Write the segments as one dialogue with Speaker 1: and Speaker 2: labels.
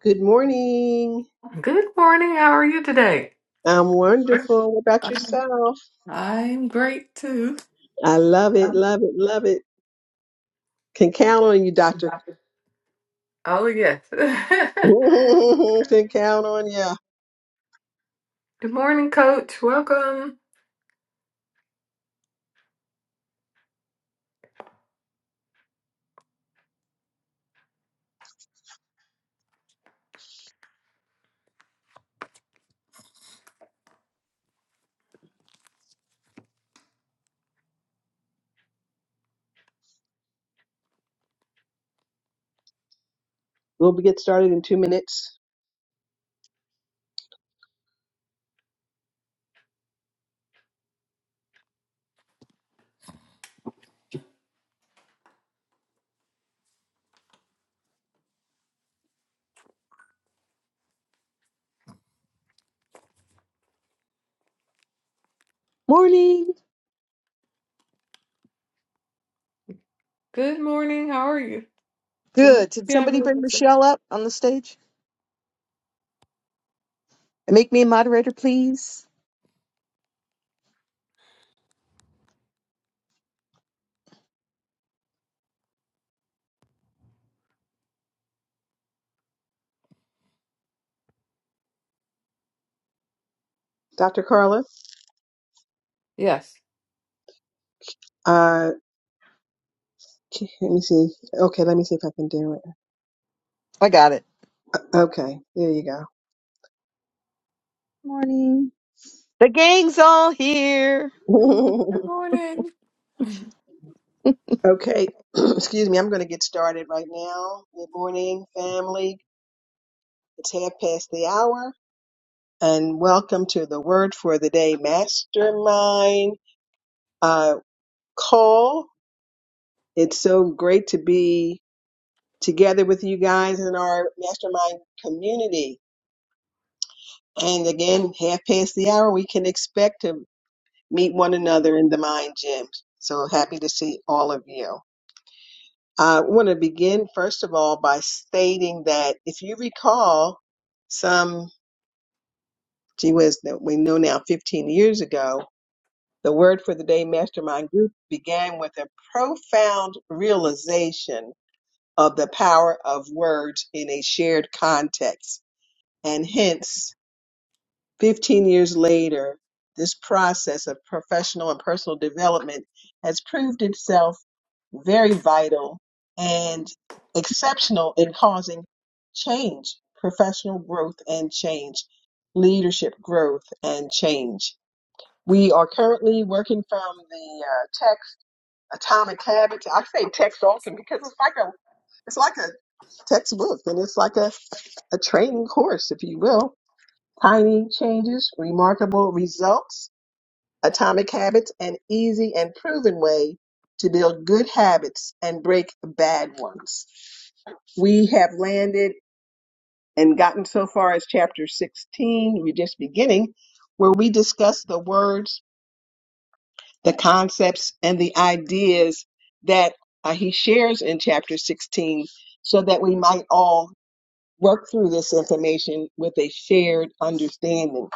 Speaker 1: Good morning.
Speaker 2: Good morning. How are you today?
Speaker 1: I'm wonderful. What about
Speaker 2: I'm,
Speaker 1: yourself?
Speaker 2: I'm great too.
Speaker 1: I love it, love it, love it. Can count on you, Doctor.
Speaker 2: Oh, yes.
Speaker 1: Can count on you.
Speaker 2: Good morning, coach. Welcome.
Speaker 1: We'll be- get started in two minutes.
Speaker 3: Morning.
Speaker 2: Good morning. How are you? Good morning,
Speaker 3: Good. Did somebody
Speaker 2: Tammy.
Speaker 3: bring Michelle up on the stage? And make me a moderator, please.
Speaker 1: Dr. Carla,
Speaker 2: Yes.
Speaker 1: uh, let me see. Okay, let me see if I can do it.
Speaker 3: I got it.
Speaker 1: Okay, there you
Speaker 4: morning.
Speaker 3: The gang's all here.
Speaker 2: Good
Speaker 1: go.
Speaker 2: morning.
Speaker 1: okay, excuse me. I'm going to get started right now. Good morning, family. It's half past the hour, and welcome to the Word for the Day Mastermind. Uh, call. It's so great to be together with you guys in our mastermind community. And again, half past the hour, we can expect to meet one another in the mind gym. So happy to see all of you. I want to begin, first of all, by stating that if you recall, some, gee whiz, that we know now 15 years ago, the Word for the Day Mastermind Group began with a profound realization of the power of words in a shared context. And hence, 15 years later, this process of professional and personal development has proved itself very vital and exceptional in causing change, professional growth and change, leadership growth and change. We are currently working from the uh, text Atomic Habits. I say text often because it's like a it's like a textbook and it's like a, a training course, if you will. Tiny changes, remarkable results, atomic habits, an easy and proven way to build good habits and break bad ones. We have landed and gotten so far as chapter 16. We're just beginning where we discuss the words, the concepts, and the ideas that uh, he shares in chapter 16 so that we might all work through this information with a shared understanding,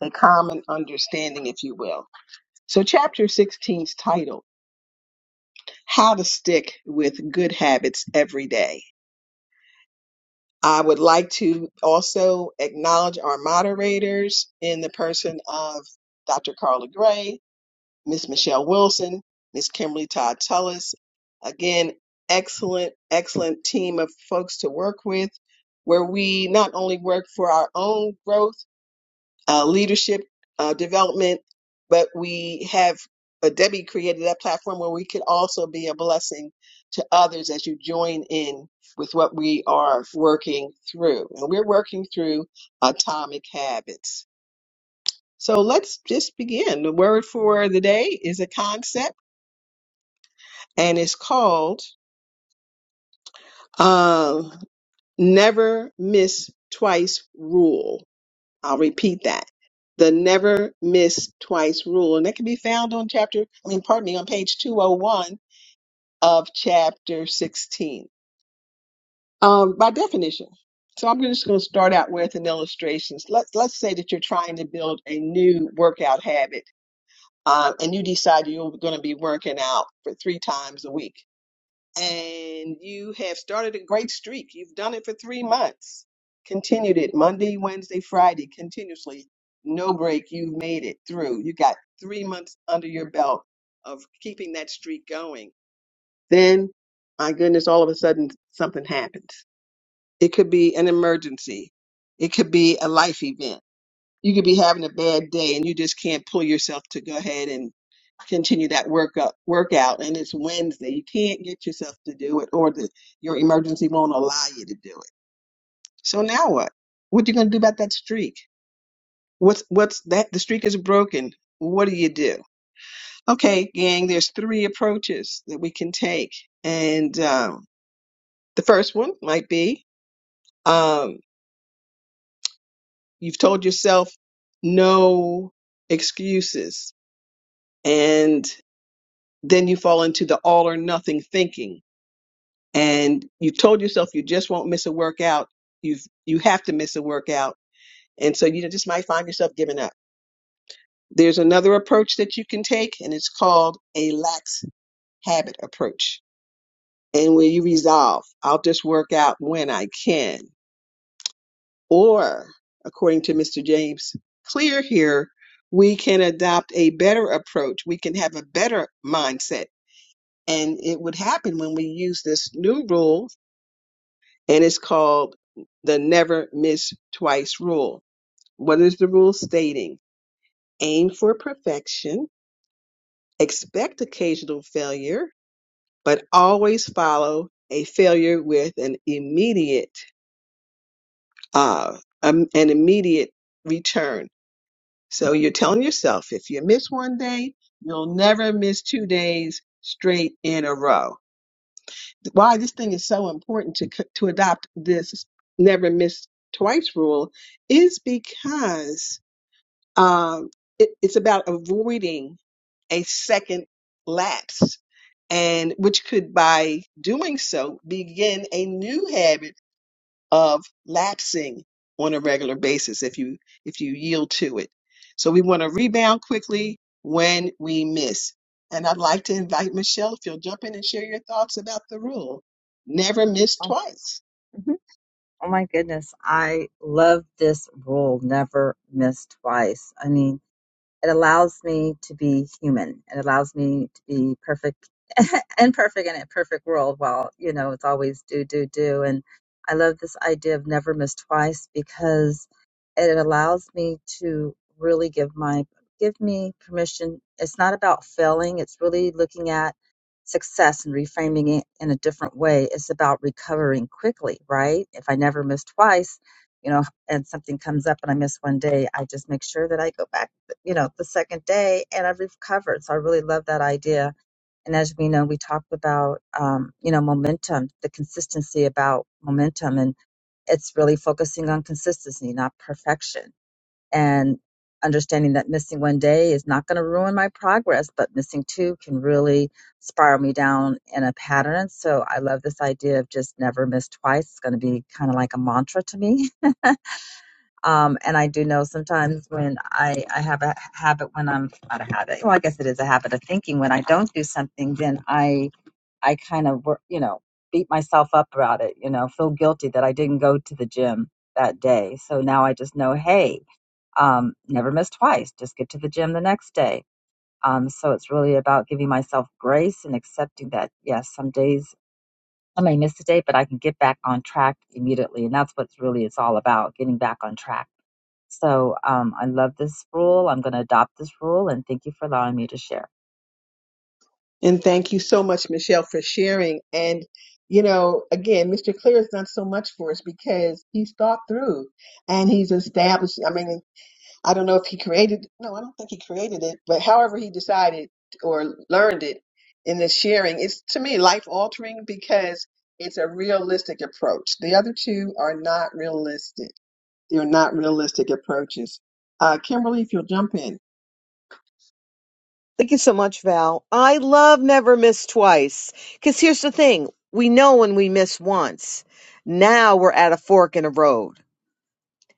Speaker 1: a common understanding, if you will. So, chapter 16's title, How to Stick with Good Habits Every Day. I would like to also acknowledge our moderators in the person of Dr. Carla Gray, Miss Michelle Wilson, Miss Kimberly Todd Tullis. Again, excellent, excellent team of folks to work with where we not only work for our own growth, uh, leadership uh, development, but we have uh, Debbie created that platform where we can also be a blessing to others as you join in with what we are working through. And we're working through atomic habits. So let's just begin. The word for the day is a concept and it's called uh, never miss twice rule I'll repeat that. The never miss twice rule. And that can be found on chapter, I mean, pardon me, on page 201 of chapter 16. Um, by definition. So I'm just going to start out with an illustration. Let's, let's say that you're trying to build a new workout habit uh, and you decide you're going to be working out for three times a week and you have started a great streak. You've done it for three months, continued it Monday, Wednesday, Friday, continuously. No break. You've made it through. You got three months under your belt of keeping that streak going. Then, my goodness, all of a sudden something happens. It could be an emergency, it could be a life event. You could be having a bad day and you just can't pull yourself to go ahead continue that workup workout and it's Wednesday. You can't get yourself to do it or the your emergency won't allow you to do it. So now what? What you gonna do about that streak? What's what's that the streak is broken. What do you do? Okay, gang, there's three approaches that we can take. And um the first one might be um you've told yourself no excuses and then you fall into the all or nothing thinking and you told yourself you just won't miss a workout, you've you have to miss a workout, and so you just might find yourself giving up. There's another approach that you can take, and it's called a lax habit approach, and where you resolve, I'll just work out when I can, or according to Mr. James Clear here, we can adopt a better approach. We can have a better mindset. And it would happen when we use this new rule and it's called the never miss twice rule. What is the rule stating? Aim for perfection, expect occasional failure, but always follow a failure with an immediate uh, um, an immediate return. So you're telling yourself if you miss one day, you'll never miss two days straight in a row why this thing is so important to c- to adopt this never miss twice rule is because um, it, it's about avoiding a second lapse and which could by doing so begin a new habit of lapsing on a regular basis if you if you yield to it. So we want to rebound quickly when we miss. And I'd like to invite Michelle if you'll jump in and share your thoughts about the rule. Never miss
Speaker 4: Oh,
Speaker 1: twice.
Speaker 4: mhm. Oh my goodness. I love this rule never miss twice. I mean, it allows me to be human, it allows me to be perfect and perfect in a perfect world well, you know it's always do do do and i love this idea of never miss twice because it allows me to really give my give me permission it's not about failing it's really looking at success and reframing it in a different way it's about recovering quickly right if i never miss twice you know and something comes up and i miss one day i just make sure that i go back you know the second day and i've recovered so i really love that idea and as we know, we talked about, um, you know, momentum, the consistency about momentum. And it's really focusing on consistency, not perfection. And understanding that missing one day is not going to ruin my progress, but missing two can really spiral me down in a pattern. So I love this idea of just never miss twice. It's going to be kind of like a mantra to me. Um, and I do know sometimes when I, I have a habit when I'm not a habit, well, I guess it is a habit of thinking when I don't do something, then I I kind of, wor- you know, beat myself up about it, you know, feel guilty that I didn't go to the gym that day. So now I just know, hey, um, never miss twice. Just get to the gym the next day. Um, so it's really about giving myself grace and accepting that, yes, some days I may miss a day, but I can get back on track immediately. And that's what's really it's all about, getting back on track. So um, I love this rule. I'm going to adopt this rule. And thank you for allowing me to share.
Speaker 1: And thank you so much, Michelle, for sharing. And you know, again, Mr. Clear is not so much for us because he's thought through and he's established. I mean, I don't know if he created, no, I don't think he created it, but however he decided or learned it in the sharing, it's to me life altering because it's a realistic approach. The other two are not realistic. They're not realistic approaches. Uh, Kimberly, if you'll jump in.
Speaker 3: Thank you so much, Val. I love never miss twice. Because here's the thing we know when we miss once. Now we're at a fork in a road.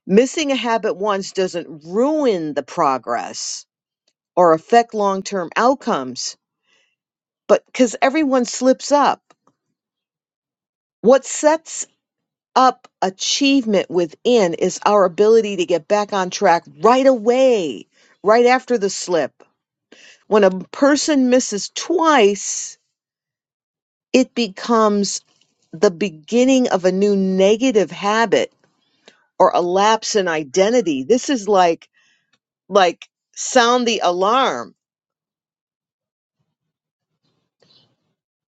Speaker 3: Missing a habit once doesn't ruin the progress or affect long term outcomes, but because everyone slips up. What sets up achievement within is our ability to get back on track right away, right after the slip. When a person misses twice, it becomes the beginning of a new negative habit or a lapse in identity. This is like like sound the alarm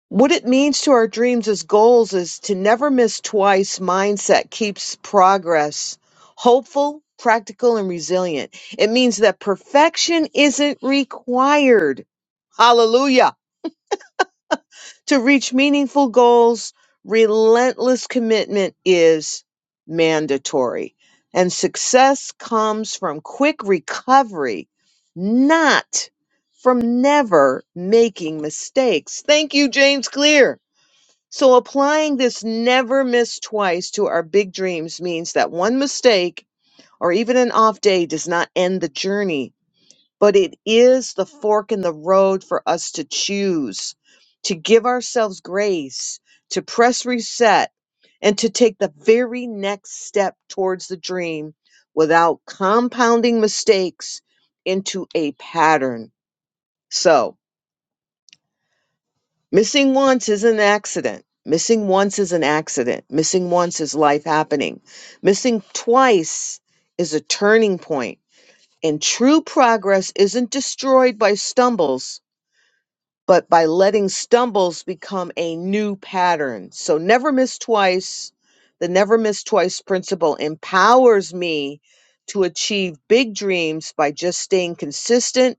Speaker 3: What it means to our dreams as goals is to never miss twice mindset keeps progress hopeful, practical, and resilient. It means that perfection isn't required. Hallelujah. To reach meaningful goals, relentless commitment is mandatory. And success comes from quick recovery, not from never making mistakes. Thank you, James Clear. So applying this never miss twice to our big dreams means that one mistake or even an off day does not end the journey, but it is the fork in the road for us to choose, to give ourselves grace, to press reset, and to take the very next step towards the dream without compounding mistakes into a pattern. So, Missing once is an accident. Missing once is an accident. Missing once is life happening. Missing twice is a turning point. And true progress isn't destroyed by stumbles, but by letting stumbles become a new pattern. So never miss twice. The never miss twice principle empowers me to achieve big dreams by just staying consistent,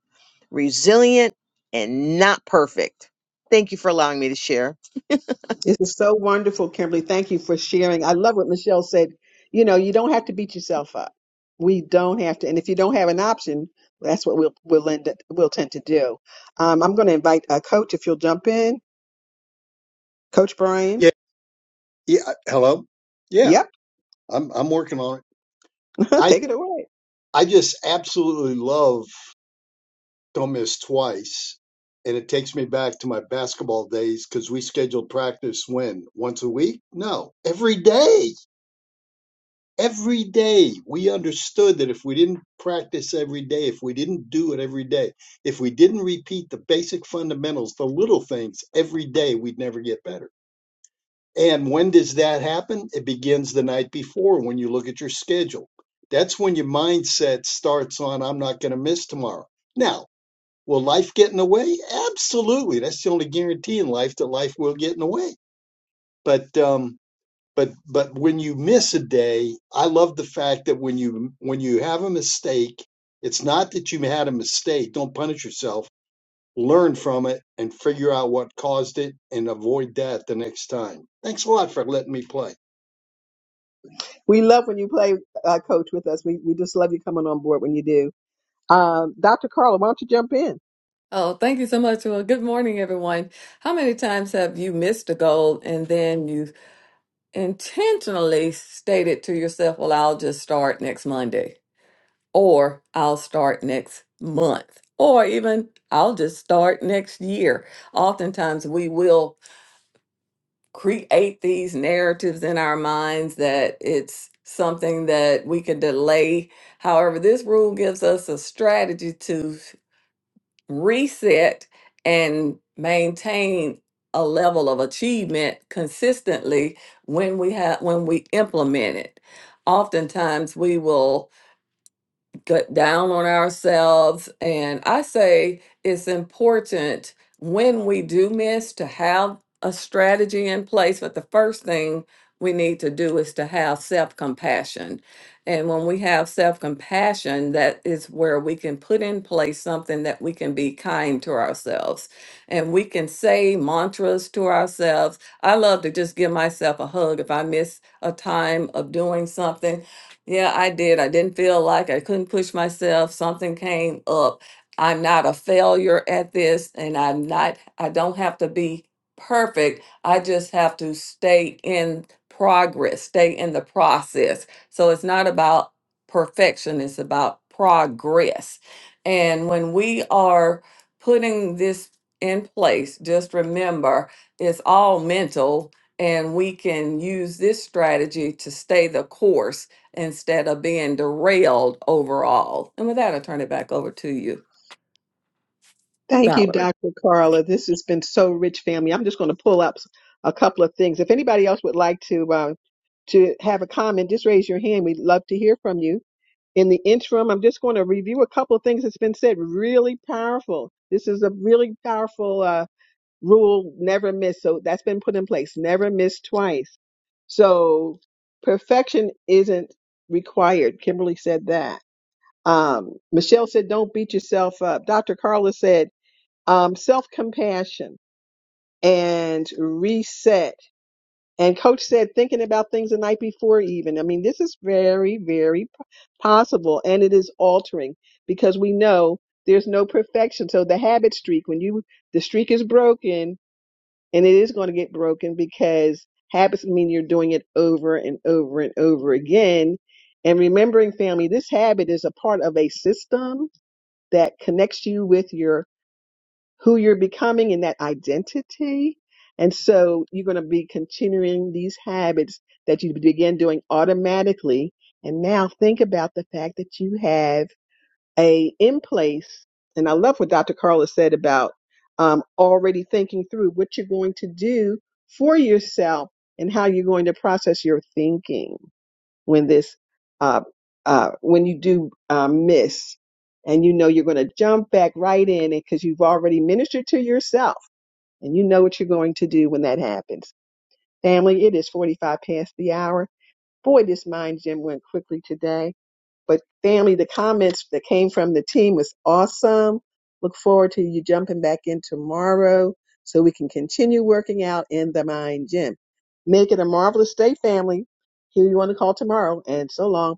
Speaker 3: resilient, and not perfect. Thank you for allowing me to share.
Speaker 1: This is so wonderful, Kimberly. Thank you for sharing. I love what Michelle said. You know, you don't have to beat yourself up. We don't have to. And if you don't have an option, that's what we'll, we'll, end up, we'll tend to do. Um, I'm going to invite a coach if you'll jump in. Coach Brian.
Speaker 5: Yeah, yeah. uh, Hello. Yeah,
Speaker 1: Yep,
Speaker 5: I'm I'm working on it. I
Speaker 1: take it away.
Speaker 5: I just absolutely love Don't Miss Twice, and it takes me back to my basketball days because we scheduled practice when once a week. No, every day. Every day we understood that if we didn't practice every day, if we didn't do it every day, if we didn't repeat the basic fundamentals, the little things every day, we'd never get better. And when does that happen? It begins the night before when you look at your schedule. That's when your mindset starts on, I'm not going to miss tomorrow. Now, will life get in the way? Absolutely. That's the only guarantee in life that life will get in the way. But, um, but, but when you miss a day, I love the fact that when you, when you have a mistake, it's not that you had a mistake. Don't punish yourself. Learn from it and figure out what caused it and avoid that the next time. Thanks a lot for letting me play.
Speaker 1: We love when you play uh, coach with us. We we just love you coming on board when you do. Um, Dr. Carla, why don't you jump in?
Speaker 2: Oh, thank you so much. Well, good morning, everyone. How many times have you missed a goal and then you intentionally stated to yourself, well, I'll just start next Monday? or I'll start next month, or even I'll just start next year. Oftentimes, we will create these narratives in our minds that it's something that we can delay. However, this rule gives us a strategy to reset and maintain a level of achievement consistently when we have when we implement it oftentimes we will get down on ourselves. And I say it's important when we do miss to have a strategy in place. But the first thing we need to do is to have self compassion. And when we have self compassion, that is where we can put in place something that we can be kind to ourselves. And we can say mantras to ourselves. I love to just give myself a hug if I miss a time of doing something yeah, I did. I didn't feel like I couldn't push myself. Something came up. I'm not a failure at this, and I'm not, I don't have to be perfect. I just have to stay in progress, stay in the process. So it's not about perfection, it's about progress. And when we are putting this in place, just remember it's all mental, and we can use this strategy to stay the course instead of being derailed overall. And with that, I turn it back over to you,
Speaker 1: Thank you,
Speaker 2: Valerie.
Speaker 1: Dr. Carla. This has been so rich, family. I'm just going to pull up s- a couple of things. If anybody else would like to uh, to have a comment, just raise your hand. We'd love to hear from you. In the interim, I'm just going to review a couple of things that's been said. Really powerful. This is a really powerful uh, rule: never miss. So that's been put in place. Never miss twice. So perfection isn't required. Kimberly said that. Um, Michelle said, "Don't beat yourself up." Dr. Carla said um, self compassion and reset. And coach said, thinking about things the night before, even. I mean, this is very, very p- possible and it is altering because we know there's no perfection. So the habit streak, when you, the streak is broken and it is going to get broken because habits mean you're doing it over and over and over again. And remembering family, this habit is a part of a system that connects you with your who you're becoming in that identity. And so you're going to be continuing these habits that you begin doing automatically. And now think about the fact that you have a in place. And I love what Dr. Carla said about um, already thinking through what you're going to do for yourself and how you're going to process your thinking when this uh, uh, when you do uh, miss and you know you're going to jump back right in it because you've already ministered to yourself and you know what you're going to do when that happens family it is 45 past the hour boy this mind gym went quickly today but family the comments that came from the team was awesome look forward to you jumping back in tomorrow so we can continue working out in the mind gym make it a marvelous day family here you want to call tomorrow and so long